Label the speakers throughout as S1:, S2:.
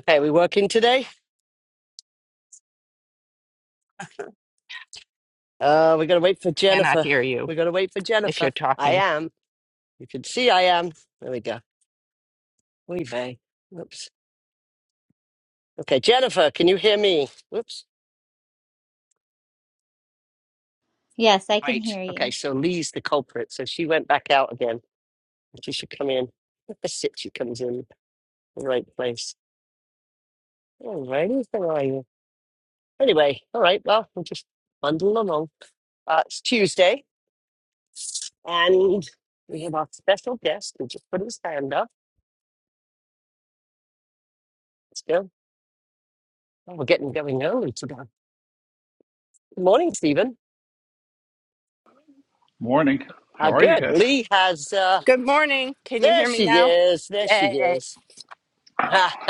S1: Okay, we working today? Uh, we gotta wait for
S2: Cannot
S1: Jennifer.
S2: hear you
S1: We gotta wait for
S2: if you're
S1: Jennifer. I
S2: talking.
S1: am. You can see I am. There we go. Oy vey. Whoops. Okay, Jennifer, can you hear me? Whoops.
S3: Yes, I can
S1: Great.
S3: hear
S1: Okay,
S3: you.
S1: so Lee's the culprit. So she went back out again. She should come in. sit she comes in the right place. All righty, how are you? Anyway, all right, well, we'll just bundle along. Uh, it's Tuesday, and we have our special guest who just put his hand up. Let's go. Well, we're getting going early today. Good morning, Stephen.
S4: Morning.
S1: Uh,
S4: How are you
S1: good.
S4: guys?
S1: Lee has, uh,
S2: Good morning. Can you
S1: there
S2: hear me
S1: she
S2: now?
S1: is. There she
S2: Yay.
S1: is.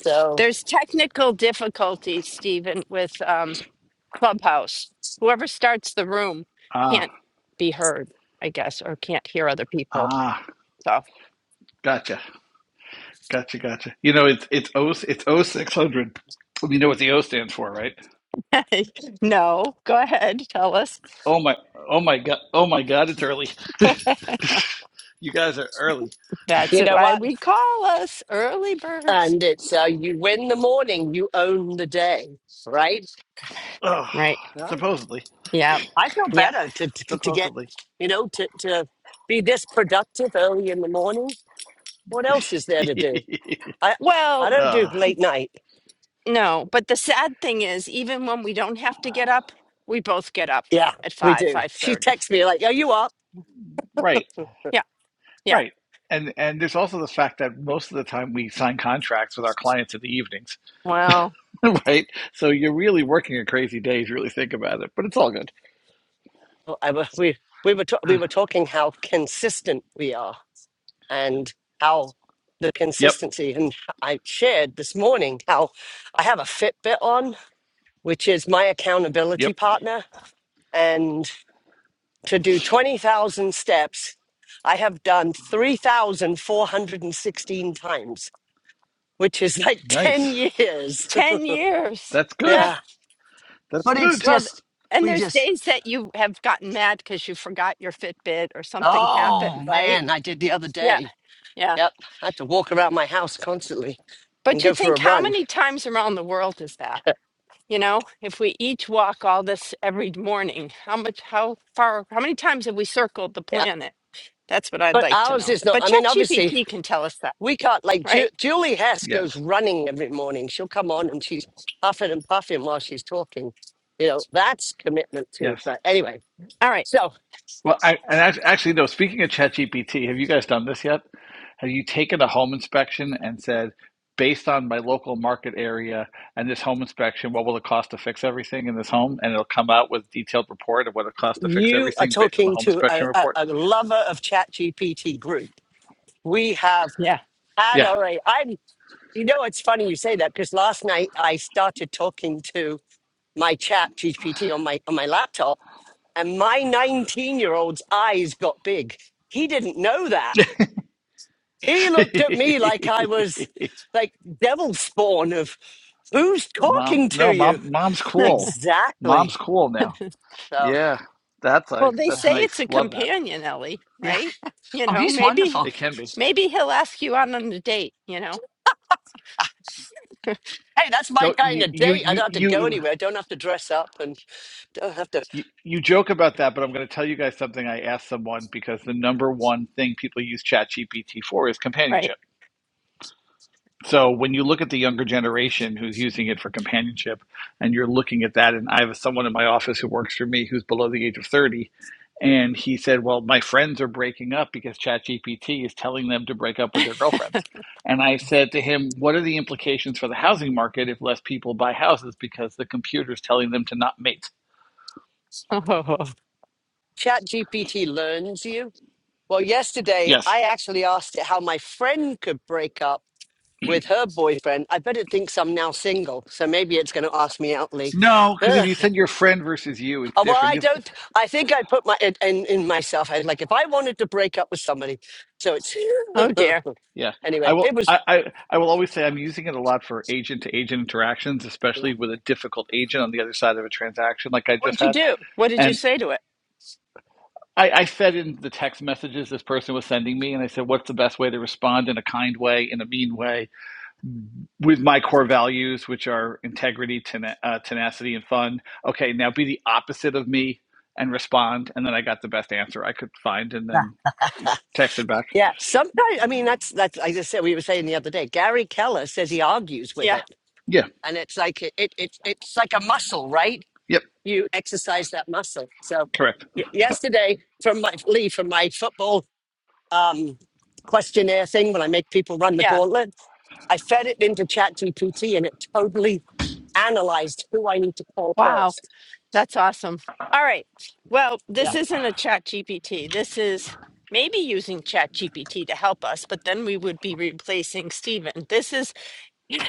S1: so,
S2: There's technical difficulties, Stephen, with um, Clubhouse. Whoever starts the room
S4: Ah,
S2: can't be heard, I guess, or can't hear other people.
S4: ah,
S2: So,
S4: gotcha, gotcha, gotcha. You know, it's it's O it's O six hundred. You know what the O stands for, right?
S2: no, go ahead. Tell us.
S4: Oh my, oh my god, oh my god, it's early. you guys are early.
S2: That's
S1: you know
S2: why
S1: what?
S2: we call us early birds.
S1: And it's, uh, you win the morning, you own the day, right?
S4: Oh,
S2: Right.
S1: Oh,
S4: supposedly,
S2: Yeah.
S1: I feel
S2: Yeah.
S1: better to, to, to get,
S4: supposedly.
S1: you know, to, to be this productive early in the morning. What else is there to do? I, I
S2: Well,
S1: don't do
S4: uh,
S1: late night.
S2: no, but the sad thing is, even when we don't have to get up, we both get up
S1: Yeah,
S2: at
S1: we
S2: 5,
S1: do. She
S2: 5.30
S1: texts me like, are you up?
S4: right,
S2: Yeah. Yeah.
S4: right. And and there's also the fact that most of the time we sign contracts with our clients in the evenings,
S2: Wow.
S4: right? So you're really working a crazy day if you really think about it. But it's all good.
S1: Well, I, we, we were, ta- we were talking how consistent we are and how the
S4: Yep,
S1: consistency. And I shared this morning how I have a Fitbit on, which is my
S4: yep.
S1: accountability partner. And to do 20,000 steps, I have done 3,416 times, which is like 10
S4: Nice.
S1: years.
S2: 10 years.
S4: That's good.
S2: Yeah.
S1: yeah.
S4: That's
S1: But it's
S4: good.
S2: Well, th-
S1: just,
S2: and
S1: we
S2: there's
S1: just,
S2: days that you have gotten mad because you forgot your Fitbit or something happened,
S1: oh
S2: right?
S1: man, I did the other
S2: Yeah.
S1: day.
S2: Yeah.
S1: Yep. I had to walk around my house constantly and
S2: But you
S1: go for a
S2: think, how
S1: run.
S2: many times around the world is that? You know, if we each walk all this every morning, how much, how far, how many times have we circled the
S1: Yeah.
S2: planet? That's what I'd
S1: But
S2: like to
S1: ours
S2: know.
S1: is not,
S2: But
S1: I mean, obviously,
S2: ChatGPT can tell us that,
S1: We can't, like, Ju-
S2: right?
S1: Julie Hess goes
S4: Yes.
S1: running every morning. She'll come on and she's puffing and puffing while she's talking. You know, that's commitment too.
S4: Yes.
S1: But anyway,
S2: All right.
S1: so
S4: Well, I and act- actually, no. Speaking of ChatGPT, have you guys done this yet? Have you taken a home inspection and said, based on my local market area and this home inspection, what will it cost to fix everything in this home? And it'll come out with detailed report of what it costs to fix
S1: you are
S4: everything based on the
S1: talking
S4: home
S1: to
S4: inspection
S1: a, a,
S4: report.
S1: a lover of ChatGPT group. We have
S2: Yeah.
S1: had
S4: Yeah.
S1: our, i am you know, it's funny you say that because last night I started talking to my ChatGPT on my, on my laptop and my 19 year old's eyes got big. He didn't know that He looked at me like I was like devil spawn of who's
S4: mom,
S1: talking to
S4: no,
S1: you?
S4: mom, mom's cool.
S1: Exactly.
S4: Mom's cool now.
S1: So,
S4: Yeah, that's
S2: Well,
S4: like
S2: they
S4: that's
S1: yeah.
S2: say it's
S4: nice.
S2: a
S4: Love that.
S2: companion, Ellie,
S1: yeah.
S2: right? You
S1: Oh,
S2: know,
S1: he's
S2: maybe
S1: wonderful.
S4: It can be.
S2: Maybe he'll ask you out on a date, you know?
S1: Hey, that's my
S4: Don't
S1: kind
S4: you
S1: of
S4: you
S1: date. I
S4: you
S1: don't have to go
S4: you
S1: anywhere. I don't have to dress up and don't have to.
S4: you you joke about that, but I'm going to tell you guys something I asked someone because the number one thing people use ChatGPT for is
S2: Right.
S4: companionship. So when you look at the younger generation who's using it for companionship, and you're looking at that, and I have someone in my office who works for me who's below the age of 30, and he said, "Well, my friends are breaking up because ChatGPT is telling them to break up with their girlfriends." And I said to him, "What are the implications for the housing market if less people buy houses because the computer's telling them to not mate?"
S2: Oh,
S1: Chat GPT learns you. Well, yesterday
S4: Yes.
S1: I actually asked it how my friend could break up with her boyfriend. I bet it thinks I'm now single. So maybe it's going to ask me out, Lee.
S4: No, because if you said your friend versus you, it's
S1: Uh, Well,
S4: different.
S1: I
S4: This,
S1: don't. I think I put my in, in, in myself. I like if I wanted to break up with somebody. So it's
S2: oh dear.
S4: yeah, I
S1: anyway. It
S4: will.
S1: was
S4: I, I I will always say I'm using it a lot for agent to agent interactions,
S1: yeah.
S4: especially with a difficult agent on the other side of a transaction, like I just
S2: What'd you
S4: had.
S2: do? What did you
S4: And
S2: say to it?
S4: I, I said in the text messages this person was sending me, and I said, "What's the best way to respond in a kind way, in a mean way, with my core values, which are integrity, tena- uh, tenacity, and fun?" Okay, now be the opposite of me and respond, and then I got the best answer I could find, and then texted back.
S1: yeah. Sometimes I mean that's that's like I said we were saying the other day. Gary Keller says he argues with
S2: Yeah.
S1: it,
S4: Yeah.
S1: and it's like it, it it's it's like a muscle, right? You exercise that muscle. So
S4: Correct.
S1: y- yesterday from my Lee from my football um, questionnaire thing when I make people run the
S2: Yeah.
S1: gauntlet, I fed it into ChatGPT and it totally analyzed who I need to call
S2: Wow.
S1: first.
S2: That's awesome. All right. Well,
S1: Yeah.
S2: this
S4: Yep.
S2: isn't a chat GPT. This is maybe using chat GPT to help us, but then we would be replacing Stephen. This is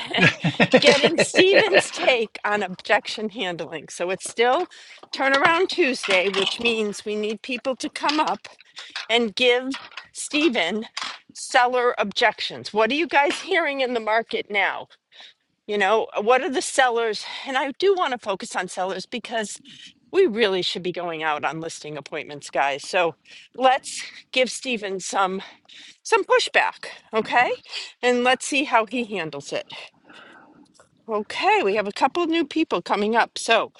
S2: getting Stephen's take on objection handling. So it's still turnaround Tuesday, which means we need people to come up and give Stephen seller objections. What are you guys hearing in the market now? You know, uh, what are the sellers? And I do want to focus on sellers because we really should be going out on listing appointments, guys. So let's give Stephen some some pushback, okay? And let's see how he handles it. Okay, we have a couple new people coming up. So,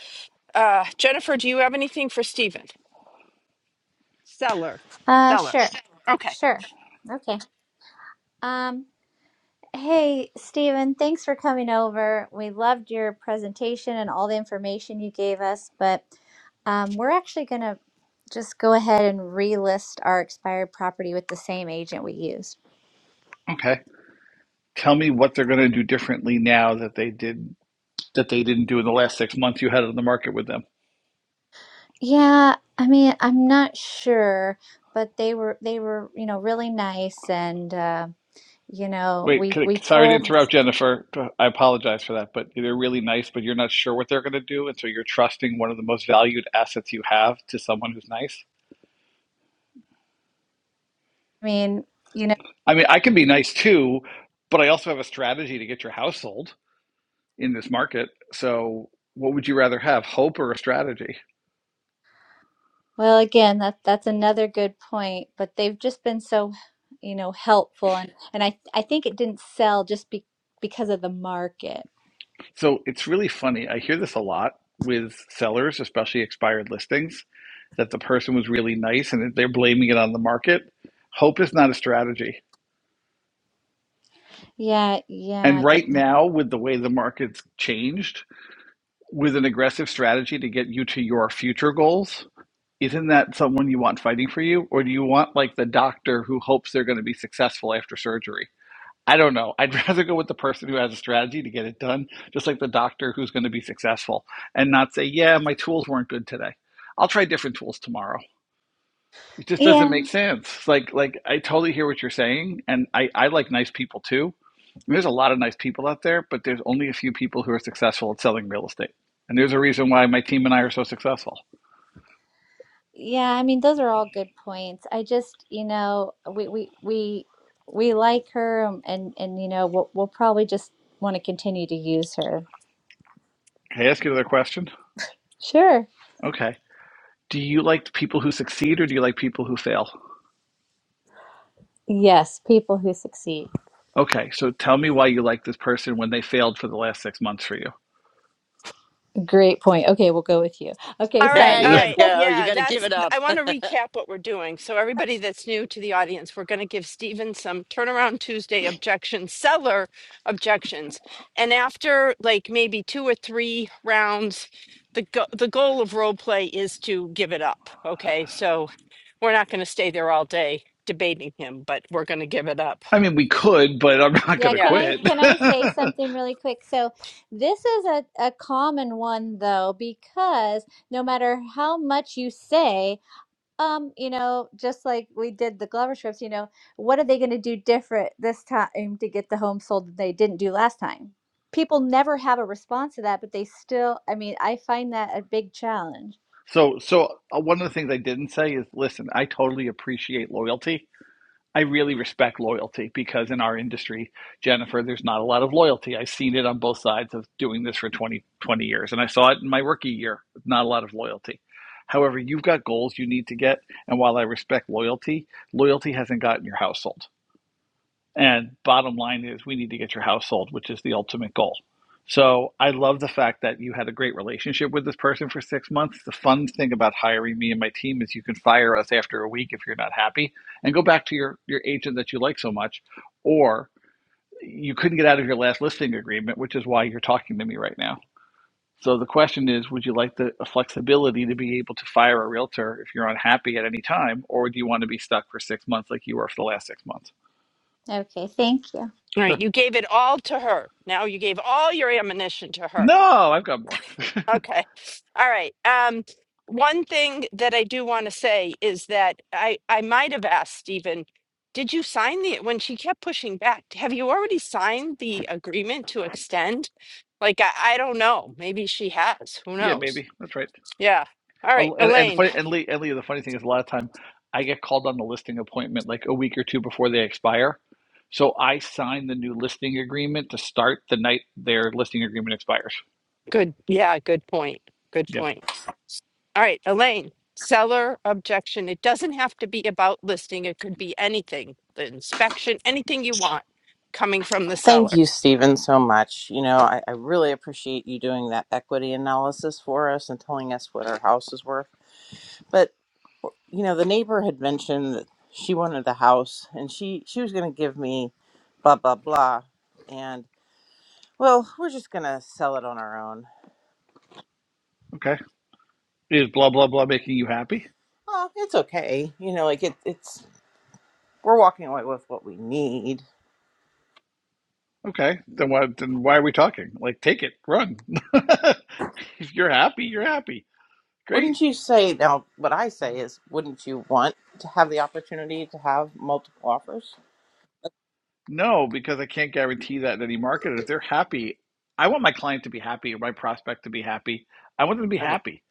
S2: uh, Jennifer, do you have anything for Stephen? Seller,
S3: Uh,
S2: seller.
S3: sure,
S2: Okay.
S3: sure. Okay. Um, hey, Stephen, thanks for coming over. We loved your presentation and all the information you gave us, but um, we're actually going to just go ahead and relist our expired property with the same agent we used.
S4: okay. Tell me what they're going to do differently now that they did that they didn't do in the last six months you had on the market with them.
S3: Yeah, I mean, I'm not sure, but they were they were, you know, really nice and uh, you know,
S4: Wait,
S3: we
S4: could
S3: we
S4: it, sorry to
S3: told,
S4: interrupt, Jennifer. I apologize for that, but they're really nice, but you're not sure what they're going to do, and so you're trusting one of the most valued assets you have to someone who's nice.
S3: I mean,
S4: I mean, I can be nice too, but I also have a strategy to get your house sold in this market. So, what would you rather have, hope or a strategy?
S3: Well, again, that that's another good point, but they've just been so, you know, helpful and and I I think it didn't sell just be, because of the market.
S4: So it's really funny. I hear this a lot with sellers, especially expired listings, that the person was really nice and that they're blaming it on the market. Hope is not a strategy.
S3: Yeah,
S4: And
S3: yeah.
S4: right now, with the way the market's changed, with an aggressive strategy to get you to your future goals, isn't that someone you want fighting for you? Or do you want like the doctor who hopes they're going to be successful after surgery? I don't know. I'd rather go with the person who has a strategy to get it done, just like the doctor who's going to be successful and not say, "Yeah, my tools weren't good today. I'll try different tools tomorrow." It just doesn't
S3: Yeah.
S4: make sense. Like like I totally hear what you're saying and I I like nice people too. And there's a lot of nice people out there, but there's only a few people who are successful at selling real estate. And there's a reason why my team and I are so successful.
S3: Yeah, I mean, those are all good points. I just, you know, we we we we like her um, and and you know, we'll we'll probably just want to continue to use her.
S4: Can I ask you another question?
S3: Sure.
S4: Okay. Do you like people who succeed or do you like people who fail?
S3: Yes, people who succeed.
S4: Okay, so tell me why you like this person when they failed for the last six months for you.
S3: Great point. Okay, we'll go with you. Okay,
S2: All right,
S1: There
S3: sorry.
S2: all
S1: you
S3: It's
S2: right.
S3: just
S1: go. You
S2: Yeah,
S1: got to give
S2: that's
S1: it up.
S2: I want to recap what we're doing. So everybody that's new to the audience, we're going to give Stephen some turnaround Tuesday objections, seller objections. And after like maybe two or three rounds, the go- the goal of role play is to give it up, okay? So we're not going to stay there all day debating him, but we're going to give it up.
S4: I mean, we could, but I'm not going
S3: Yeah,
S4: to
S3: can
S2: Yeah.
S3: I
S4: quit.
S3: can I say something really quick? So this is a, a common one though, because no matter how much you say, um, you know, just like we did the Glover strips, you know, what are they gonna do different this time to get the home sold that they didn't do last time? People never have a response to that, but they still, I mean, I find that a big challenge.
S4: so, so uh, one of the things I didn't say is, listen, I totally appreciate loyalty. I really respect loyalty because in our industry, Jennifer, there's not a lot of loyalty. I've seen it on both sides of doing this for 20, 20 years, and I saw it in my rookie year. Not a lot of loyalty. However, you've got goals you need to get, and while I respect loyalty, loyalty hasn't gotten your household. And bottom line is, we need to get your house sold, which is the ultimate goal. So I love the fact that you had a great relationship with this person for six months. The fun thing about hiring me and my team is you can fire us after a week if you're not happy and go back to your, your agent that you like so much, or you couldn't get out of your last listing agreement, which is why you're talking to me right now. So the question is, would you like the flexibility to be able to fire a realtor if you're unhappy at any time, or do you want to be stuck for six months like you were for the last six months?
S3: Okay, thank you.
S2: All
S4: Sure.
S2: right, you gave it all to her. Now you gave all your ammunition to her.
S4: No, I've got more.
S2: Okay. All right. Um, one thing that I do want to say is that I I might have asked Stephen, did you sign the when she kept pushing back, have you already signed the agreement to extend? Like I, I don't know. Maybe she has. Who
S4: Yeah,
S2: knows?
S4: maybe that's right.
S2: Yeah. All right,
S4: And and, the
S2: Elaine.
S4: funny, and Lee and Lee, the funny thing is, a lot of time I get called on the listing appointment like a week or two before they expire. So I sign the new listing agreement to start the night their listing agreement expires.
S2: Good. Yeah, good point. Good
S4: Yeah.
S2: point. All right, Elaine. Seller objection. It doesn't have to be about listing. It could be anything, the inspection, anything you want coming from the
S5: Thank
S2: seller.
S5: you, Stephen, so much. You know, I, I really appreciate you doing that equity analysis for us and telling us what our house is worth. But you know, the neighbor had mentioned that she wanted the house and she she was going to give me blah blah blah, and well, we're just going to sell it on our own.
S4: Okay. Is blah blah blah making you happy?
S5: Oh, it's okay. You know, like it, it's we're walking away with what we need.
S4: Okay. Then why then why are we talking? Like, take it, run. if you're happy, you're happy. Great.
S5: Wouldn't you say now? What I say is, wouldn't you want to have the opportunity to have multiple offers?
S4: No, because I can't guarantee that in any market. If they're happy, I want my client to be happy, or my prospect to be happy. I want them to be
S5: Okay.
S4: happy.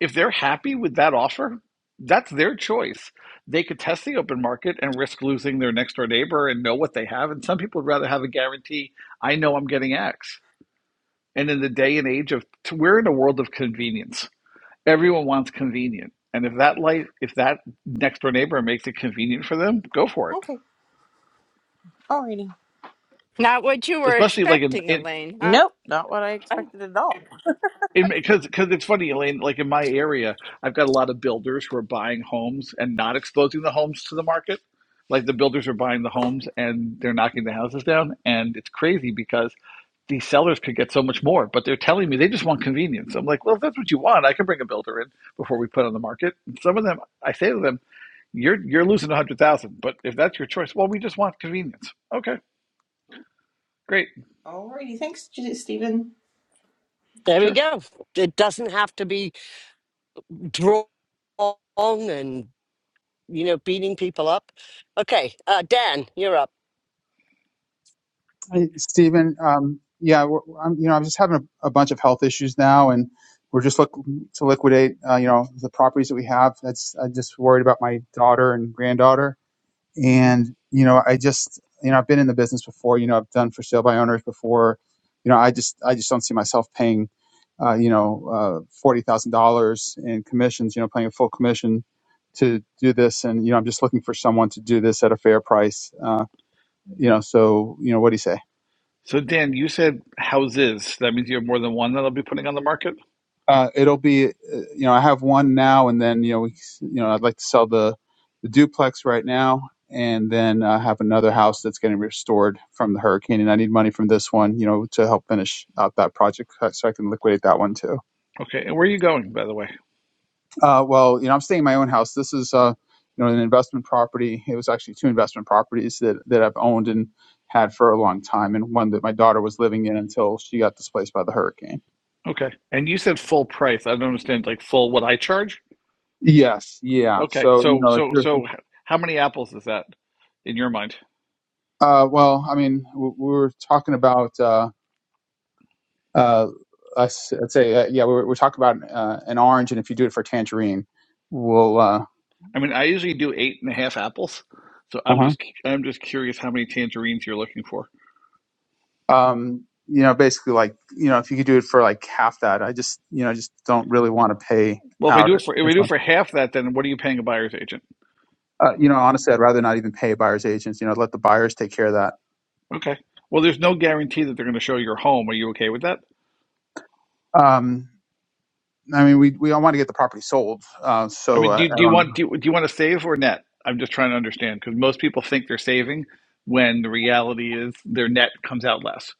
S4: If they're happy with that offer, that's their choice. They could test the open market and risk losing their next door neighbor and know what they have. And some people would rather have a guarantee I know I'm getting X. And in the day and age of, we're in a world of convenience. Everyone wants convenient. And if that life, if that next door neighbor makes it convenient for them, go for it.
S5: Okay. Alrighty.
S2: Not what you were
S4: Especially like in,
S2: expecting,
S4: in
S2: Elaine, huh?
S5: Nope, not what I
S2: Uh,
S5: expected at all.
S4: because because it's funny, Elaine. Like in my area, I've got a lot of builders who are buying homes and not exposing the homes to the market. Like the builders are buying the homes and they're knocking the houses down, and it's crazy because these sellers could get so much more, but they're telling me they just want convenience. I'm like, well, if that's what you want, I can bring a builder in before we put on the market. And some of them, I say to them, you're you're losing a hundred thousand, but if that's your choice, well, we just want convenience. Okay, great,
S5: Alrighty, thanks, J- Stephen.
S1: There we
S4: sure.
S1: go. It doesn't have to be drawn and, you know, beating people up. Okay. Uh, Dan, you're up.
S6: Hey, Stephen, um, yeah, we're, I'm, you know, I'm just having a, a bunch of health issues now, and we're just looking to liquidate, uh, you know, the properties that we have. That's I'm just worried about my daughter and granddaughter,
S4: Mm-hmm.
S6: and you know, I just, you know, I've been in the business before. You know, I've done for sale by owners before. You know, I just, I just don't see myself paying, uh, you know, uh, forty thousand dollars in commissions. You know, paying a full commission to do this, and you know, I'm just looking for someone to do this at a fair price. Uh, you know, so you know, what do you say?
S4: So Dan, you said houses. That means you have more than one that'll be putting on the market?
S6: uh, it'll be uh, you know I have one now and then you know we, you know I'd like to sell the the duplex right now and then I have another house that's getting restored from the hurricane and I need money from this one you know to help finish out that project uh, so I can liquidate that one too.
S4: Okay. And where are you going, by the way?
S6: Uh, well, you know I'm staying in my own house. This is uh you know an investment property. It was actually two investment properties that that I've owned and had for a long time and one that my daughter was living in until she got displaced by the hurricane.
S4: Okay. And you said full price. I don't understand like full what I charge?
S6: Yes, yeah.
S4: Okay.
S6: So you
S4: So
S6: know, if
S4: so
S6: you're
S4: so h- how many apples is that in your mind?
S6: Uh, well, I mean, we we were talking about, uh, uh, let's, let's say, uh, yeah, we were, we are talking about uh, an orange, and if you do it for tangerine, we'll, uh,
S4: I mean, I usually do eight and a half apples. So I'm
S6: uh
S4: just cu- I'm just curious how many tangerines you're looking for.
S6: um, you know, basically, like, you know, if you could do it for like half that, I just, you know, just don't really want to pay
S4: Well, if I
S6: out
S4: do it for if
S6: this
S4: I do it
S6: one.
S4: for half that, then what are you paying a buyer's agent?
S6: Uh, you know, honestly, I'd rather not even pay buyer's agents. You know, let the buyers take care of that.
S4: Okay. Well, there's no guarantee that they're going to show your home. Are you okay with that?
S6: Um, I mean, we we all want to get the property sold, uh,
S4: I
S6: so
S4: mean, do,
S6: uh,
S4: you-
S6: I
S4: do you
S6: don't.
S4: want do you, do you want to save or net? I'm just trying to understand because most people think they're saving when the reality is their net comes out less.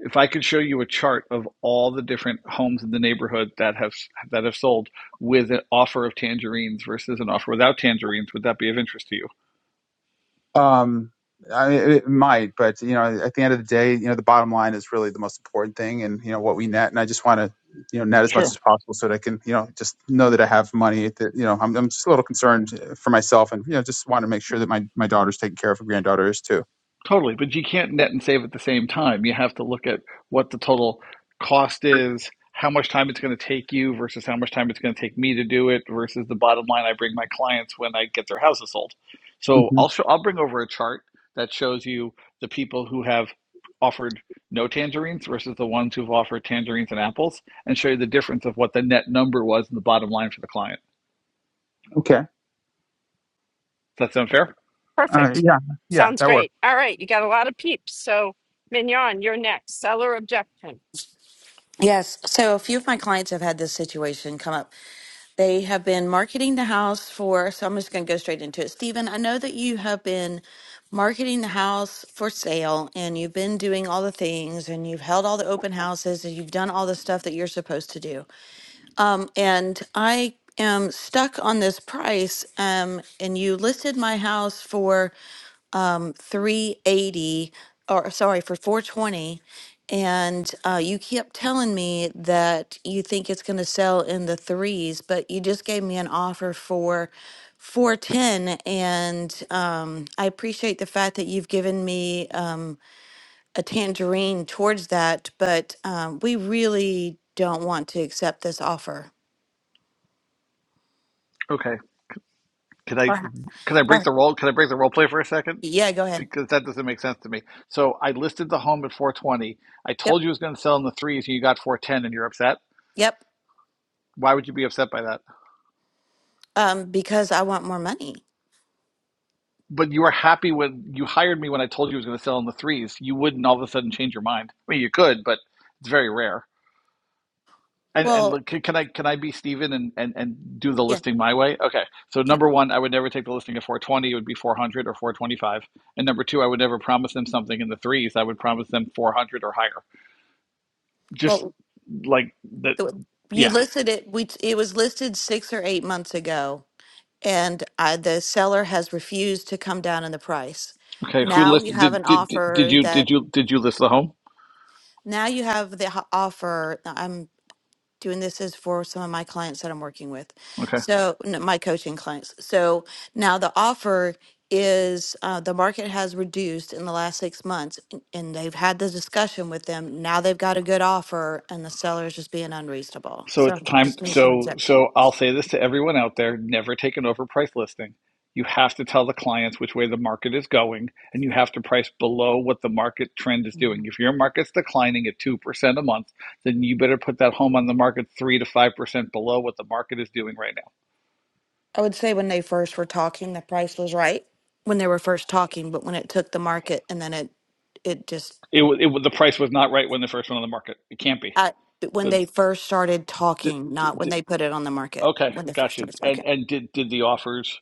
S4: If I could show you a chart of all the different homes in the neighborhood that have that have sold with an offer of tangerines versus an offer without tangerines, would that be of interest to you?
S6: Um, I, it might, but you know, at the end of the day, you know, the bottom line is really the most important thing, and you know what we net. And I just want to, you know, net as
S4: Sure.
S6: much as possible so that I can, you know, just know that I have money. That you know, I'm, I'm just a little concerned uh, for myself, and you know, just want to make sure that my my daughter's taken care of, her granddaughter is too.
S4: Totally, but you can't net and save at the same time. You have to look at what the total cost is, how much time it's going to take you versus how much time it's going to take me to do it versus the bottom line I bring my clients when I get their houses sold. So
S6: hmm
S4: I'll show, I'll bring over a chart that shows you the people who have offered no tangerines versus the ones who've offered tangerines and apples and show you the difference of what the net number was in the bottom line for the client.
S6: Okay.
S4: Does that sound fair?
S6: Uh,
S2: Perfect.
S6: yeah. Yeah,
S2: Sounds
S6: that works.
S2: great. All right, you got a lot of peeps. So, Mignon, you're next. Seller objection.
S7: Yes. So a few of my clients have had this situation come up. They have been marketing the house for, so I'm just going to go straight into it. Stephen, I know that you have been marketing the house for sale and you've been doing all the things and you've held all the open houses and you've done all the stuff that you're supposed to do. Um, and I am stuck on this price. Um, and you listed my house for um, 380 or sorry for 420 and uh, you kept telling me that you think it's going to sell in the threes but you just gave me an offer for 410 and um, i appreciate the fact that you've given me um, a tangerine towards that but um, we really don't want to accept this offer
S4: Okay. Can I
S7: or,
S4: can I break
S7: or
S4: the role? Can I break the role play for a second?
S7: yeah go ahead
S4: because that doesn't make sense to me. So I listed the home at 420. I
S7: yep
S4: told you it was going to sell in the threes, and you got 410, and you're upset.
S7: yep
S4: Why would you be upset by that?
S7: um, because i want more money
S4: But you were happy when you hired me when I told you it was going to sell in the threes. You wouldn't all of a sudden change your mind. I mean, you could, but it's very rare. And and
S7: well
S4: look, can, I can I be Steven and, and and do the
S7: yeah
S4: listing my way? Okay. So
S7: yeah
S4: number one, I would never take the listing at 420. It would be 400 or 425. And number two, I would never promise them something in the threes. I would promise them 400 or higher. Just
S7: well
S4: like that.
S7: The-
S4: Yeah
S7: You listed it, we, it was listed six or eight months ago, and uh, the seller has refused to come down in the price.
S4: Okay, who
S7: Now you
S4: listed?
S7: have an
S4: Did did did did
S7: offer
S4: you
S7: that,
S4: did you did you list the home?
S7: now you have the ho- offer, now I'm doing this as for some of my clients that I'm working with.
S4: Okay,
S7: So, n- my coaching clients. So now the offer is, uh, the market has reduced in the last six months, and and they've had the discussion with them. Now they've got a good offer, and the seller is just being unreasonable.
S4: so it's
S7: So
S4: time.
S7: just need some
S4: So
S7: objection.
S4: so I'll say this to everyone out there: never take an overpriced listing. You have to tell the clients which way the market is going, and you have to price below what the market trend is doing.
S7: Mhm.
S4: If your market's declining at two percent a month, then you better put that home on the market three to five percent below what the market is doing right now.
S7: I would say when they first were talking, the price was right when they were first talking, but when it took the market and then it, it just,
S4: It, it the price was not right when the first one on the market. It can't be.
S7: I, when
S4: The,
S7: they first started
S4: d
S7: talking,
S4: d
S7: not when
S4: d
S7: they put it on the market,
S4: okay,
S7: when they first
S4: gotcha.
S7: started
S4: And
S7: talking.
S4: and did did the offers?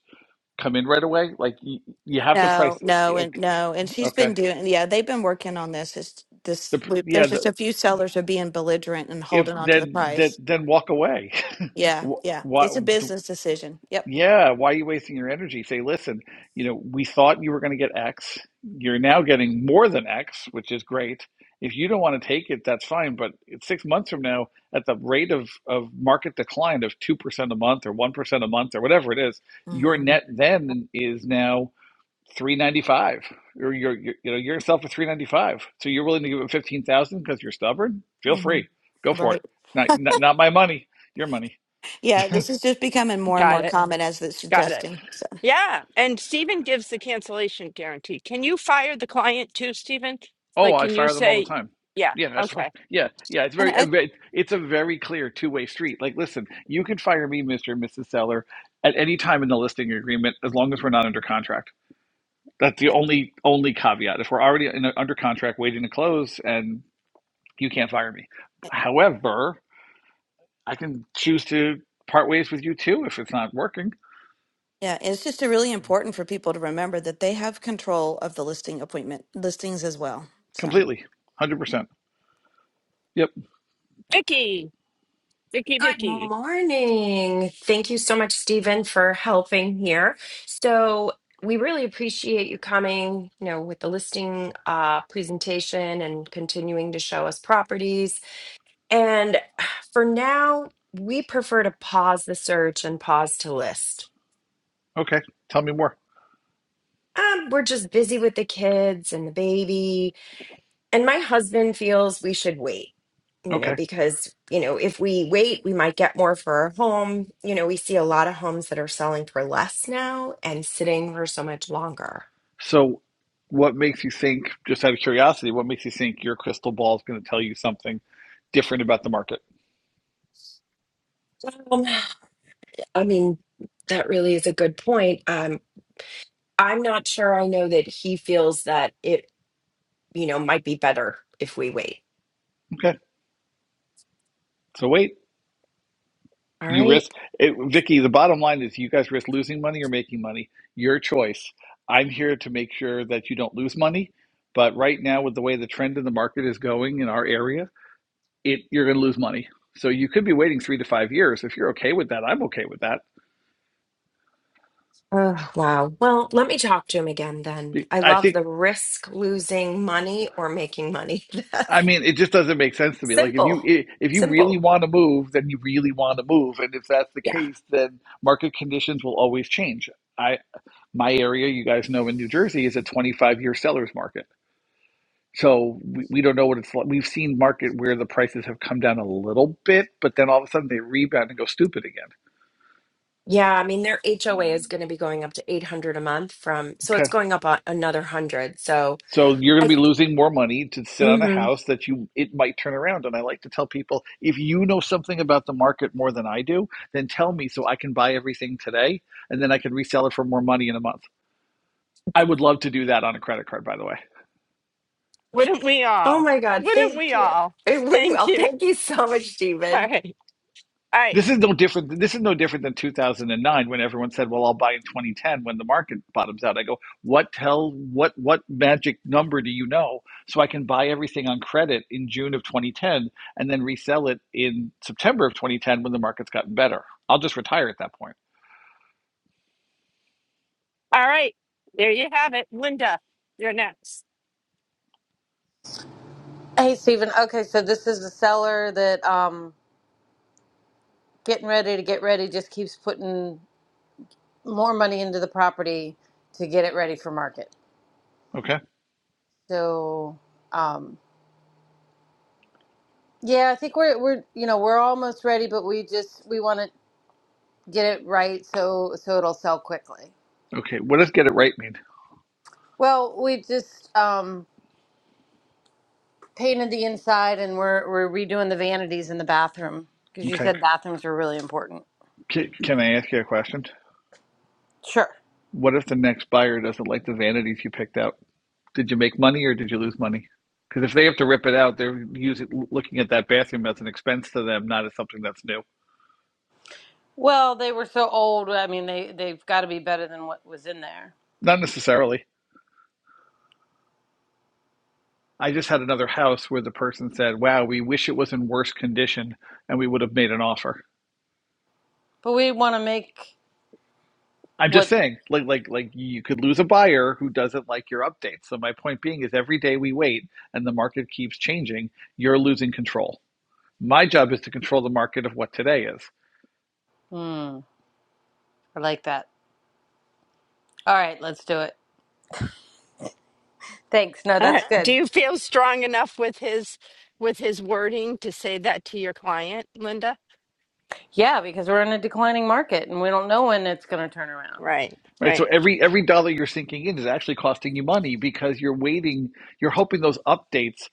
S4: come in right away. Like you, you have to price.
S7: No, no, and no. And
S4: Okay.
S7: she's been
S4: okay.
S7: doing, yeah, they've been working on this. It's this,
S4: The pr-
S7: we,
S4: yeah.
S7: there's just
S4: The,
S7: a few sellers are being belligerent and
S4: if
S7: holding on to the
S4: then then
S7: price.
S4: then walk away.
S7: Yeah,
S4: Wh-
S7: yeah.
S4: Why?
S7: It's a
S4: d-
S7: business decision. Yep.
S4: Yeah. Why are you wasting your energy? Say, listen. You know, we thought you were going to get X. You're now getting more than X, which is great. If you don't want to take it, that's fine. But it's six months from now, at the rate of, of market decline of two percent a month or one percent a month or whatever it is, your
S7: hmm
S4: net then is now 395 you're, you're, you're you know you're yourself for 395 so you're willing to give him 15000 because you're stubborn feel
S7: hmm
S4: free go for it
S7: Right.
S4: not, not not my money your money
S7: Yeah, this is just becoming more and
S2: Got
S7: more
S2: it.
S7: common as it's
S2: Got it.
S7: suggesting. So,
S2: Yeah. And Stephen gives the cancellation guarantee. Can you fire the client too, Stephen?
S4: oh
S2: Like,
S4: i
S2: can you
S4: fire them all the
S2: say,
S4: time
S2: yeah,
S4: yeah
S2: okay.
S4: yeah yeah it's
S7: and
S4: very
S7: I,
S4: it's a very clear two-way street like listen you can fire me mr and mrs seller at any time in the listing agreement as long as we're not under contract that's the only only caveat if we're already in, under contract waiting to close and you can't fire me however I can choose to part ways with you too if it's not working
S7: Yeah, it's just really important for people to remember that they have control of the listing appointment listings as well. So.
S4: completely, one hundred percent. Yep.
S2: Vicky, Vicky,
S8: Good
S2: Vicky.
S8: morning. Thank you so much, Stephen, for helping here. So we really appreciate you coming, you know, with the listing uh, presentation and continuing to show us properties. And for now, we prefer to pause the search and pause to list.
S4: Okay. Tell me more.
S8: Um, we're just busy with the kids and the baby And my husband feels we should wait, you know,
S4: Okay.
S8: because, you know, if we wait, we might get more for our home. You know, we see a lot of homes that are selling for less now and sitting for so much longer.
S4: So, what makes you think? Just out of curiosity, what makes you think your crystal ball is going to tell you something different about the market?
S8: Um, I mean, that really is a good point. Um, I'm not sure I know that he feels that it, you know, might be better if we wait.
S4: Okay. So wait.
S8: All
S4: You
S8: right.
S4: risk it, Vicky. The bottom line is, you guys risk losing money or making money. Your choice. I'm here to make sure that you don't lose money. But right now, with the way the trend in the market is going in our area, it you're going to lose money. So you could be waiting three to five years. If you're okay with that, I'm okay with that.
S8: Oh, wow. Well, let me talk to him again then. I
S4: I
S8: love
S4: think.
S8: the risk losing money or making money.
S4: I mean, it just doesn't make sense to me. Like, if you
S8: Simple.
S4: if you really
S8: Simple.
S4: want to move, then you really want to move, and if that's the
S8: Yeah.
S4: case, then market conditions will always change. I my area, you guys know, in New Jersey, is a 25 year seller's market. So we, we don't know what it's like. We've seen market where the prices have come down a little bit, but then all of a sudden they rebound and go stupid again.
S8: Yeah. I mean, their HOA is going to be going up to 800 a month from, so
S4: Okay.
S8: it's going up a- another 100. So
S4: So you're going
S8: I,
S4: to be losing more money to sit on a
S8: hmm
S4: house that you it might turn around. And I like to tell people, if you know something about the market more than I do, then tell me so I can buy everything today and then I can resell it for more money in a month. I would love to do that on a credit card, by the way.
S2: Wouldn't we
S8: oh
S2: all?
S8: my God.
S2: Wouldn't
S8: Thank
S2: we
S8: you.
S2: all?
S8: It went
S2: Thank
S8: well.
S2: you.
S8: Thank you so much,
S2: All
S8: Stephen.
S2: right. All right.
S4: This is no different. This is no different than 2009 when everyone said, "Well, I'll buy in 2010 when the market bottoms out." I go, "What tell what what magic number do you know so I can buy everything on credit in June of 2010 and then resell it in September of 2010 when the market's gotten better? I'll just retire at that point."
S2: All right. There you have it. Linda, you're next.
S9: Hey, Stephen. Okay, so this is the seller that um getting ready to get ready just keeps putting more money into the property to get it ready for market.
S4: Okay.
S9: So, um yeah, I think we're we're you know, we're almost ready, but we just we want to get it right so so it'll sell quickly.
S4: Okay. What does get it right mean?
S9: Well, we just um painted the inside and we're we're redoing the vanities in the bathroom because you
S4: Okay.
S9: said bathrooms are really important.
S4: Can, can I ask you a question?
S9: Sure.
S4: What if the next buyer doesn't like the vanities you picked out? Did you make money or did you lose money? Because if they have to rip it out, they're using looking at that bathroom as an expense to them, not as something that's new.
S9: Well, they were so old. I mean, they they've got to be better than what was in there.
S4: Not necessarily. I just had another house where the person said, "Wow, we wish it was in worse condition, and we would have made an offer."
S9: But we want to make
S4: I'm just
S9: what.
S4: saying, like, like, like, you could lose a buyer who doesn't like your updates. So my point being is, every day we wait, and the market keeps changing. You're losing control. My job is to control the market of what today is.
S9: Hmm. I like that. All right, let's do it. Thanks. No,
S2: All
S9: that's
S2: right. Do
S9: good.
S2: you feel strong enough with his with his wording to say that to your client, Linda?
S9: Yeah, because we're in a declining market and we don't know when it's going to turn around.
S2: Right,
S4: Right. So
S2: right.
S4: every every dollar you're sinking in is actually costing you money because you're waiting, you're hoping those updates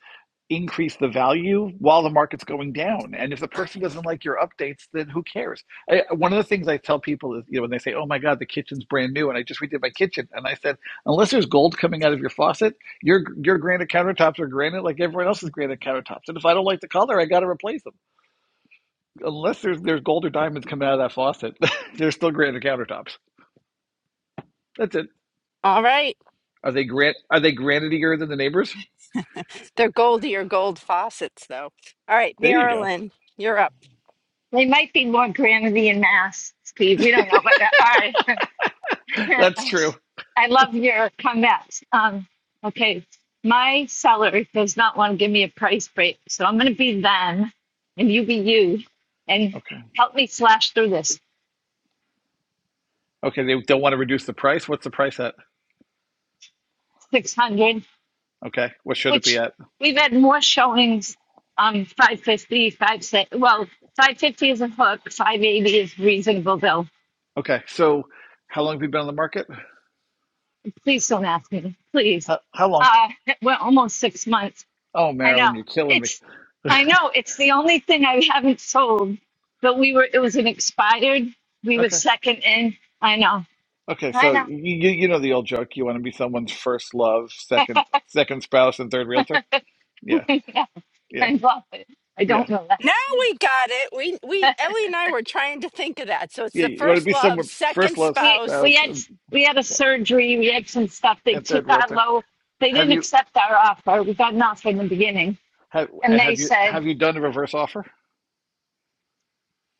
S4: increase the value while the market's going down. And if the person doesn't like your updates, then who cares? I, one of the things I tell people is, you know, when they say, "Oh my God, the kitchen's brand new," and I just redid my kitchen, and I said, unless there's gold coming out of your faucet, your your granite countertops are granite like everyone else's granite countertops. And if I don't like the color, I got to replace them. Unless there's there's gold or diamonds coming out of that faucet, there's still granite countertops. That's it.
S2: All right.
S4: Are they grant? Are they granitier than the neighbors?
S2: They're goldier gold faucets though. All right,
S4: There you go.
S2: Marilyn, you're up.
S10: They might be more Granby and Mass, Steve. We don't know, but uh, all right.
S4: That's true.
S10: I love your comments. Um, okay, my seller does not want to give me a price break, so I'm going to be them, and you be you, and
S4: Okay.
S10: help me slash through this
S4: Okay. They don't want to reduce the price. What's the price at?
S10: 600,
S4: Okay. What should it be
S10: which
S4: at?
S10: we've had more showings. Um, 550, 560. Well, 550 is a hook. 580 is reasonable, Bill.
S4: Okay. So, how long have you been on the market?
S10: Please don't ask me. Please.
S4: How, how long?
S10: Uh, we're almost six months.
S4: Oh,
S10: I know.
S4: Marilyn, you're killing me.
S10: It's I know it's the only thing I haven't sold. But we were it was an expired. We were
S4: Okay.
S10: second in. I know.
S4: Okay.
S10: I
S4: So you
S10: know.
S4: you you know the old joke. You want to be someone's first love, second second spouse, and third realtor. Yeah.
S10: I know. I
S4: Yeah.
S10: love it. I
S4: Yeah.
S10: don't know that.
S2: Now we got it. We we Ellie and I were trying to think of that. So it's
S4: Yeah.
S2: the
S4: You want to
S2: first
S4: be
S2: love,
S4: someone's first
S2: second
S4: love,
S10: We
S2: spouse.
S10: we
S4: spouse,
S10: had
S4: and,
S10: we had a
S4: yeah,
S10: surgery, we had some stuff. They
S4: and
S10: took
S4: third
S10: our
S4: realtor.
S10: low they
S4: Have
S10: didn't
S4: you
S10: accept our offer. We got an offer in the beginning.
S4: have
S10: And
S4: have
S10: they
S4: you
S10: said,
S4: have you done a reverse offer?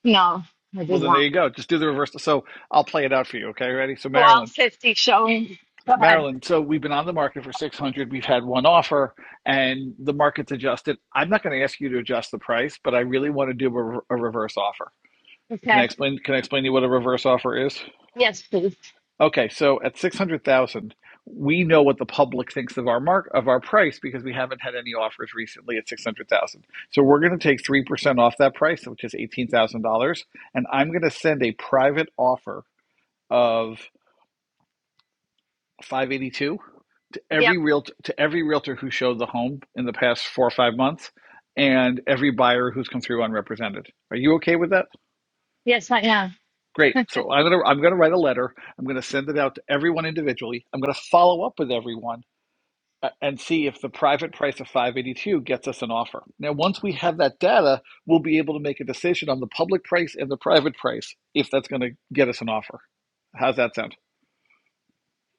S10: No, I
S4: Well,
S10: did
S4: then there
S10: not.
S4: you go. Just do the reverse. So I'll play it out for you. Okay, ready? So
S10: So all
S4: Maryland,
S10: fifty showing go ahead.
S4: Maryland. So we've been on the market for six hundred. We've had one offer, and the market's adjusted. I'm not going to ask you to adjust the price, but I really want to do a, a reverse offer. Can I
S10: Okay.
S4: explain? Can I explain to you what a reverse offer is?
S10: Yes, please.
S4: Okay, so at six hundred thousand, we know what the public thinks of our mark of our price because we haven't had any offers recently at six hundred thousand. So we're going to take three percent off that price, which is eighteen thousand dollars, and I'm going to send a private offer of 582 to
S10: Yep.
S4: every real to every realtor who showed the home in the past four or five months and every buyer who's come through unrepresented. Are you okay with that?
S10: Yes, I am.
S4: Great. So I'm gonna I'm gonna write a letter. I'm gonna send it out to everyone individually. I'm gonna follow up with everyone uh, and see if the private price of 582 gets us an offer. Now, once we have that data, we'll be able to make a decision on the public price and the private price if that's gonna get us an offer. How's that sound?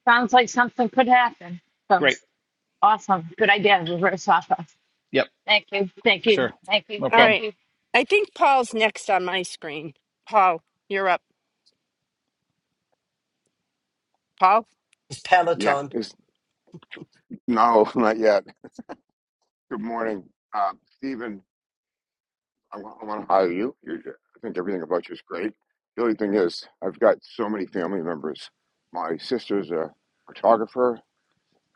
S10: Sounds like something could happen. So
S4: Great.
S10: Awesome. Good idea. Reverse alpha.
S4: Yep.
S10: Thank you. Thank you.
S4: Sure.
S10: Thank you.
S4: No
S2: All
S4: problem.
S10: Thank
S2: right.
S10: you.
S2: I think Paul's next on my screen. Paul, you're up. Paul?
S1: It's
S11: Yeah,
S1: Peloton.
S11: it's no, not yet. Good morning, uh, Stephen. I want to hire you. You're, ju- I think everything about you is great. The only thing is, I've got so many family members. My sister's a photographer,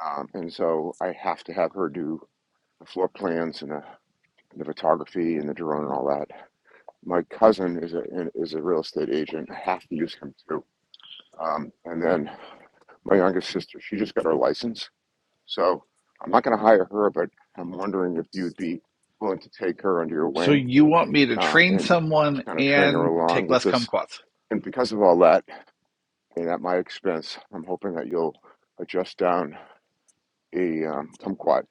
S11: um, and so I have to have her do the floor plans and the, the photography and the drone and all that. My cousin is a is a real estate agent. I have to use him too. Um, and then my youngest sister, she just got her license, So I'm not going to hire her, but I'm wondering if you'd be willing to take her under your
S4: So
S11: wing
S4: you want me to
S11: uh,
S4: train
S11: and and just
S4: someone
S11: kind of train her
S4: and
S11: along
S4: take
S11: with
S4: less
S11: this.
S4: kumquats?
S11: And because of all that, and at my expense, I'm hoping that you'll adjust down a um, kumquat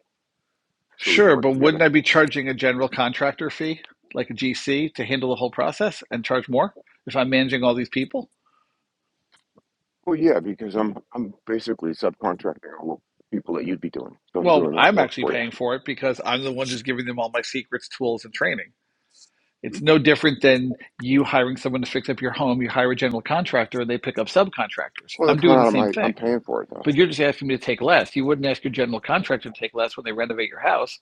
S11: so we can
S4: Sure,
S11: work
S4: but wouldn't
S11: together.
S4: I be charging a general contractor fee, like a GC, to handle the whole process and charge more if I'm managing all these people?
S11: Well, yeah, because I'm I'm basically subcontracting all the people that you'd be doing. So I'm
S4: Well,
S11: doing that
S4: I'm
S11: work
S4: actually
S11: for you.
S4: paying for it because I'm the one who's giving them all my secrets, tools, and training. It's no different than you hiring someone to fix up your home. You hire a general contractor and they pick up subcontractors.
S11: Well, they're
S4: I'm
S11: coming
S4: doing the
S11: out of
S4: same
S11: my.
S4: thing,
S11: I'm paying for it though.
S4: but you're just asking me to take less. You wouldn't ask your general contractor to take less when they renovate your house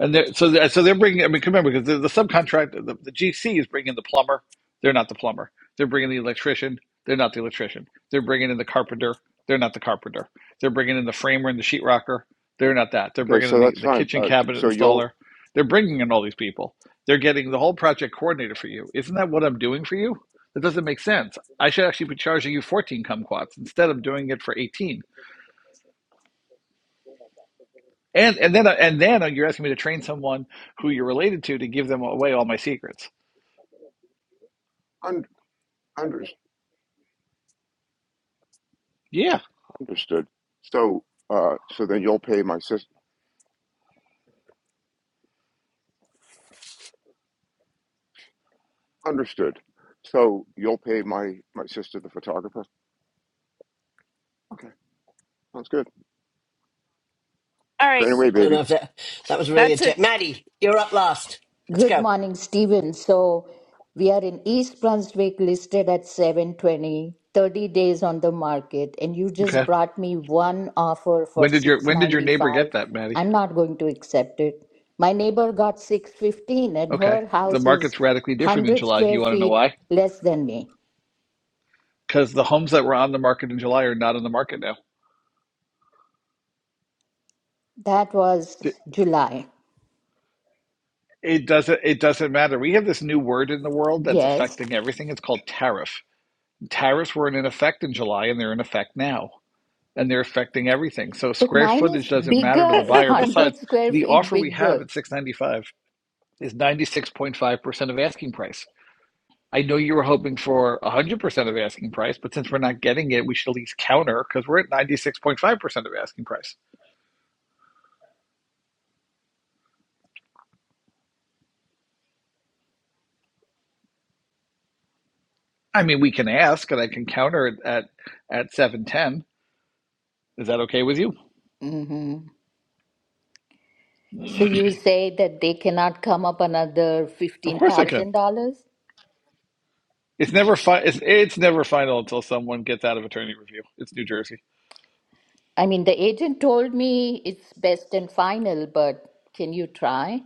S4: And they're, so, they're, so they're bringing. I mean, remember because the, the subcontract, the, the GC is bringing the plumber. They're not the plumber. They're bringing the electrician. They're not the electrician. They're bringing in the carpenter. They're not the carpenter. They're bringing in the framer and the sheetrocker. They're not that. They're
S11: Okay,
S4: bringing
S11: so
S4: in the,
S11: that's
S4: the
S11: fine.
S4: kitchen
S11: Uh, d-
S4: cabinet
S11: so you'll
S4: installer. They're bringing in all these people. They're getting the whole project coordinator for you. Isn't that what I'm doing for you? That doesn't make sense. I should actually be charging you 14 kumquats instead of doing it for 18 And and then and then you're asking me to train someone who you're related to to give them away all my secrets.
S11: un under
S4: Yeah.
S11: understood. So uh, so then you'll pay my sister. Understood. So you'll pay my my sister, the photographer. Okay, sounds good.
S2: All right.
S11: Train away,
S1: I don't know
S11: baby.
S1: if that, that was really a
S2: That's it.
S1: jet. Maddie, you're up last. Let's
S12: Good
S1: go.
S12: morning, Stephen. So we are in East Brunswick listed at 720, 30 days on the market, and you just
S4: Okay.
S12: brought me one offer for
S4: When did your when did your neighbor
S12: 695.
S4: get that, Maddie?
S12: I'm not going to accept it. My neighbor got 615 and
S4: Okay.
S12: her
S4: The
S12: house is
S4: market's radically different in
S12: 100
S4: July. Do
S12: square
S4: you want to know
S12: feet
S4: why?
S12: less than me.
S4: Because the homes that were on the market in July are not on the market now.
S12: That was
S4: It
S12: July.
S4: it doesn't it doesn't matter. We have this new word in the world that's
S12: Yes,
S4: affecting everything. It's called tariff. Tariffs weren't in effect in July and they're in effect now. And they're affecting everything. So
S12: but
S4: square
S12: mine
S4: footage
S12: is
S4: doesn't matter to
S12: bigger,
S4: the buyer.
S12: 100
S4: Besides,
S12: square
S4: the
S12: feet
S4: offer we have
S12: bigger.
S4: at six ninety five. is 96.5% of asking price. I know you were hoping for 100% of asking price, but since we're not getting it, we should at least counter because we're at 96.5% of asking price. I mean, we can ask and I can counter it at at 710. Is that okay with you?
S12: Mm-hmm. So you say that they cannot come up another
S4: Of course I can.
S12: $15,000?
S4: It's never fi- it's, it's never final until someone gets out of attorney review. It's New Jersey.
S12: I mean, the agent told me it's best and final, but can you try?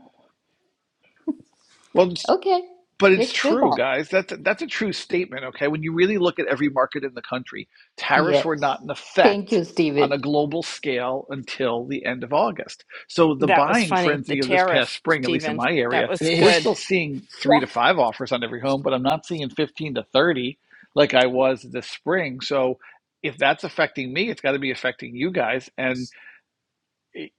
S4: Well, just
S12: Okay,
S4: But it's
S12: let's do
S4: true,
S12: that.
S4: guys. That's that's a true statement. Okay, when you really look at every market in the country, tariffs
S12: Yes.
S4: were not in
S12: Thank you,
S4: effect on a
S12: Stephen.
S4: global scale until the end of August. So the
S2: That was
S4: buying
S2: funny. The
S4: frenzy of this past
S2: tariff,
S4: spring, at least in
S2: Stephen.
S4: my
S2: That
S4: area,
S2: was
S4: we're
S1: See,
S2: good.
S4: still seeing three
S2: Yeah.
S4: to five offers on every home, but I'm not seeing 15 to 30 like I was this spring. So if that's affecting me, it's got to be affecting you guys. And you,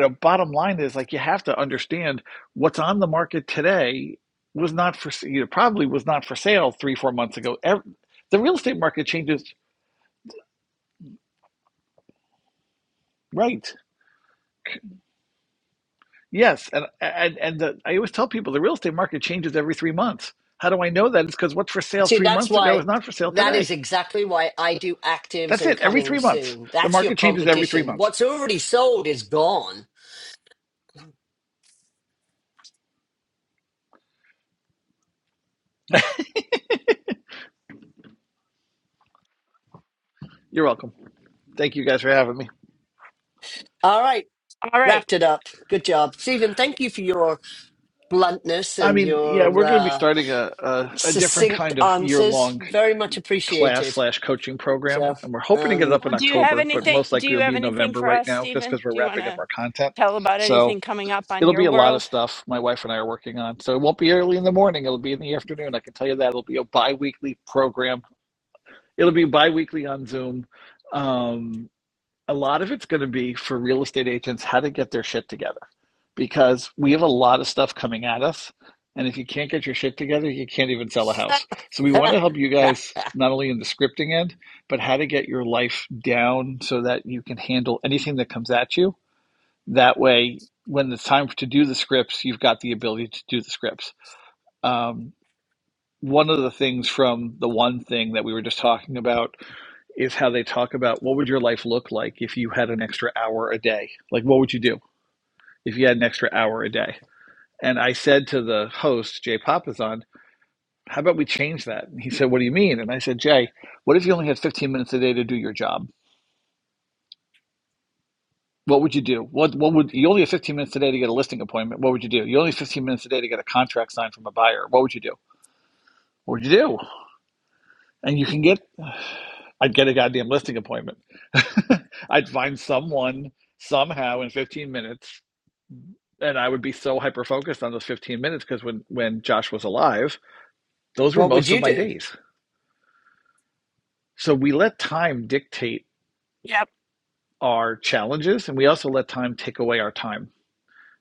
S4: know, bottom line is like you have to understand what's on the market today was not for you know, probably was not for sale three four months ago. The real estate market changes, right? Yes, and and and the, I always tell people the real estate market changes every three months. How do I know that? It's because what's for sale three
S1: that's
S4: months ago
S1: why,
S4: is not for sale
S1: that is
S4: today.
S1: exactly why I do actives
S4: That's
S1: and
S4: it. Every
S1: coming
S4: three months,
S1: soon.
S4: the
S1: That's your
S4: market changes every three
S1: competition.
S4: months.
S1: What's already sold is gone.
S4: You're welcome. Thank you guys for having me.
S1: All right.
S2: All right.
S1: Wrapped it up. Good job. Stephen, thank you for your bluntness
S4: I
S1: and
S4: mean, yeah,
S1: your
S4: we're going to be
S1: uh,
S4: starting a, a, a different
S1: succinct
S4: kind of year
S1: answers.
S4: long
S1: Very much
S4: class
S1: appreciated.
S4: slash coaching program,
S1: So,
S4: and we're hoping to get it
S1: um,
S4: up
S2: Well,
S4: in
S2: do you have
S4: October, but
S2: anything?
S4: most
S2: Do
S4: likely
S2: you
S4: it'll be
S2: have
S4: in
S2: anything
S4: November
S2: for
S4: right
S2: us,
S4: now, just
S2: Stephen?
S4: because we're
S2: Do you want
S4: wrapping up
S2: to
S4: our content.
S2: tell about
S4: So
S2: anything coming up on
S4: it'll be
S2: your
S4: a lot of
S2: world?
S4: stuff my wife and I are working on. So it won't be early in the morning; it'll be in the afternoon. I can tell you that it'll be a bi-weekly program. It'll be bi-weekly on Zoom. Um, a lot of it's going to be for real estate agents how to get their shit together because we have a lot of stuff coming at us. And if you can't get your shit together, you can't even sell a house. So we want to help you guys not only in the scripting end, but how to get your life down so that you can handle anything that comes at you. That way, when it's time to do the scripts, you've got the ability to do the scripts. Um, one of the things from the one thing that we were just talking about is how they talk about what would your life look like if you had an extra hour a day? Like, what would you do if you had an extra hour a day? And I said to the host, Jay Papasan, how about we change that? And he said, What do you mean? And I said, Jay, what if you only had 15 minutes a day to do your job? What would you do? What what would you only have 15 minutes a day to get a listing appointment? What would you do? You only have 15 minutes a day to get a contract signed from a buyer. What would you do? What would you do? And you can get I'd get a goddamn listing appointment. I'd find someone somehow in 15 minutes and I would be so hyper focused on those 15 minutes because when when Josh was alive, those were
S1: what would
S4: most of
S1: you
S4: my
S1: do?
S4: days. So we let time dictate
S2: Yep.
S4: our challenges and we also let time take away our time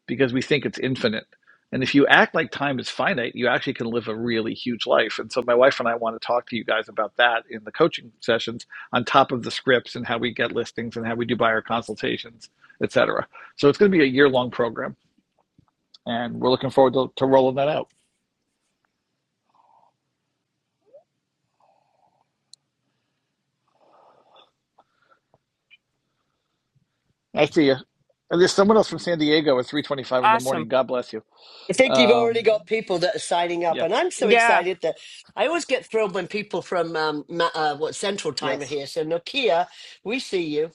S4: because we think it's infinite. And if you act like time is finite, you actually can live a really huge life. And so my wife and I want to talk to you guys about that in the coaching sessions on top of the scripts and how we get listings and how we do buyer consultations, et cetera. So it's going to be a year long program and we're looking forward to, to rolling that out. I see you. And there's someone else from San Diego at 3:25 in the morning.
S2: Awesome.
S4: God bless you.
S1: I think you've already
S4: Um,
S1: got people that are signing up,
S4: yeah.
S1: and I'm so
S2: Yeah.
S1: excited that I always get thrilled when people from um, Ma- uh, what Central Time are
S4: Yes.
S1: here. So Nokia, we see you.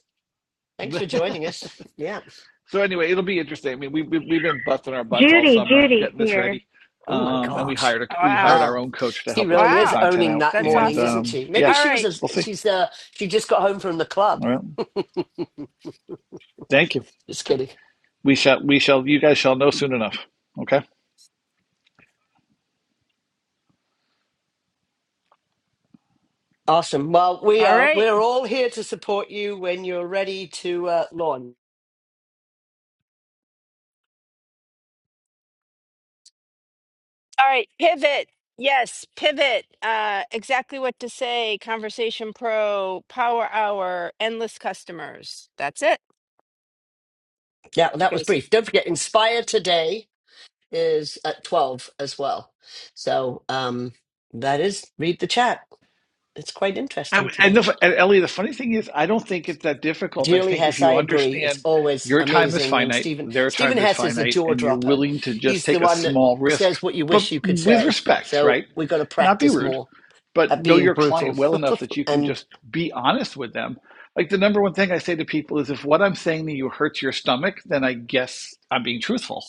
S1: Thanks for joining us. Yeah.
S4: so anyway, it'll be interesting. I mean, we, we we've been busting our butts all summer getting this ready,
S1: Oh my
S4: um, and we
S1: gosh.
S4: hired a, we hired
S2: Wow.
S4: our
S1: Wow.
S4: own coach to
S1: She
S4: help us
S1: really
S4: put the
S1: is
S2: Wow.
S4: content
S1: owning
S4: out.
S1: that
S2: That's
S4: And
S1: morning,
S2: awesome.
S1: isn't
S4: um,
S1: she?
S4: yeah,
S1: Maybe
S2: All
S1: she was
S2: right.
S1: a,
S4: we'll see.
S1: she's uh she just got home from the club.
S4: All right. Thank you.
S1: Just kidding.
S4: We shall we shall you guys shall know soon enough. Okay.
S1: Awesome. Well, we
S2: All
S1: are
S2: right.
S1: we're all here to support you when you're ready to uh launch.
S2: All right. Pivot. Yes. Pivot. Uh, exactly what to say. Conversation Pro, Power Hour, Endless Customers. That's it.
S1: Yeah, well,
S2: You
S1: that was
S2: guys.
S1: brief. Don't forget Inspire today is at 12 as well. So, um that is read the chat. It's quite interesting
S4: And,
S1: today.
S4: and, the, and Ellie, the funny thing is, I don't think it's that difficult. I
S1: Julie
S4: think if
S1: Hess, I
S4: you
S1: agree. It's
S4: understand
S1: always
S4: your time is
S1: amazing when
S4: finite,
S1: Stephen
S4: their
S1: Stephen
S4: time is
S1: Hess is a
S4: finite,
S1: jaw
S4: and you're
S1: dropper.
S4: willing to just
S1: He's the
S4: take a
S1: one that
S4: small risk,
S1: says what you
S4: but
S1: wish you could
S4: with
S1: say.
S4: respect,
S1: So
S4: right?
S1: we got to
S4: Not be
S1: practice
S4: rude,
S1: more
S4: but
S1: at
S4: know
S1: being
S4: your client
S1: brutal.
S4: well enough that you can
S1: And
S4: just be honest with them. Like the number one thing I say to people is if what I'm saying to you hurts your stomach, then I guess I'm being truthful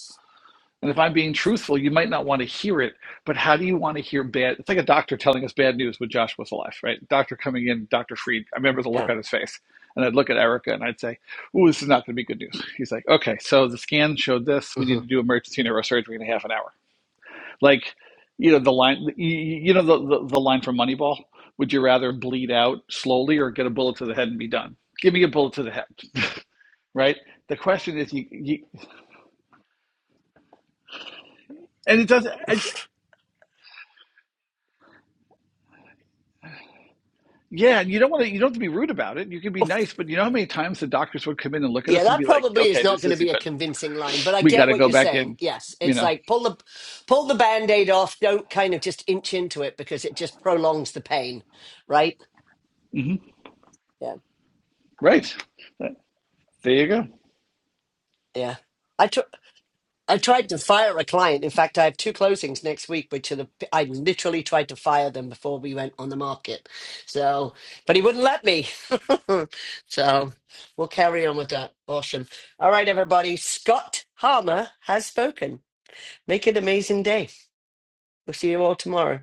S4: and if I'm being truthful, you might not want to hear it, but how do you want to hear bad? It's like a doctor telling us bad news when Josh was alive, right? Doctor coming in, Dr. Freed. I remember the look
S1: yeah,
S4: on his face. And I'd look at Erica and I'd say, Ooh, this is not going to be good news. He's like, Okay, so the scan showed this. We
S1: hmm
S4: need to do emergency neurosurgery in a half an hour. Like, you know, the line, you you know, the, the, the line from Moneyball would you rather bleed out slowly or get a bullet to the head and be done? Give me a bullet to the head, right? The question is, you, you, and it doesn't. Yeah, and you don't want to. You don't have to be rude about it. You can be nice, but you know how many times the doctors would come in and look at
S1: yeah,
S4: us and
S1: that
S4: be like,
S1: probably is
S4: "Okay,
S1: not
S4: this
S1: going to
S4: isn't
S1: be a
S4: good.
S1: convincing line, but I
S4: We got
S1: get
S4: to
S1: what
S4: go
S1: you're
S4: back in."
S1: saying. Yes,
S4: You
S1: it's
S4: know,
S1: like pull the pull the band aid off. Don't kind of just inch into it because it just prolongs the pain, right?
S4: hmm
S1: Yeah,
S4: right? Right. There you go.
S1: yeah. I tr- I tried to fire a client. In fact, I have two closings next week, which are the I literally tried to fire them before we went on the market. So, but he wouldn't let me. so, we'll carry on with that. Awesome. All right, everybody. Scott Harmer has spoken. Make it an amazing day. We'll see you all tomorrow.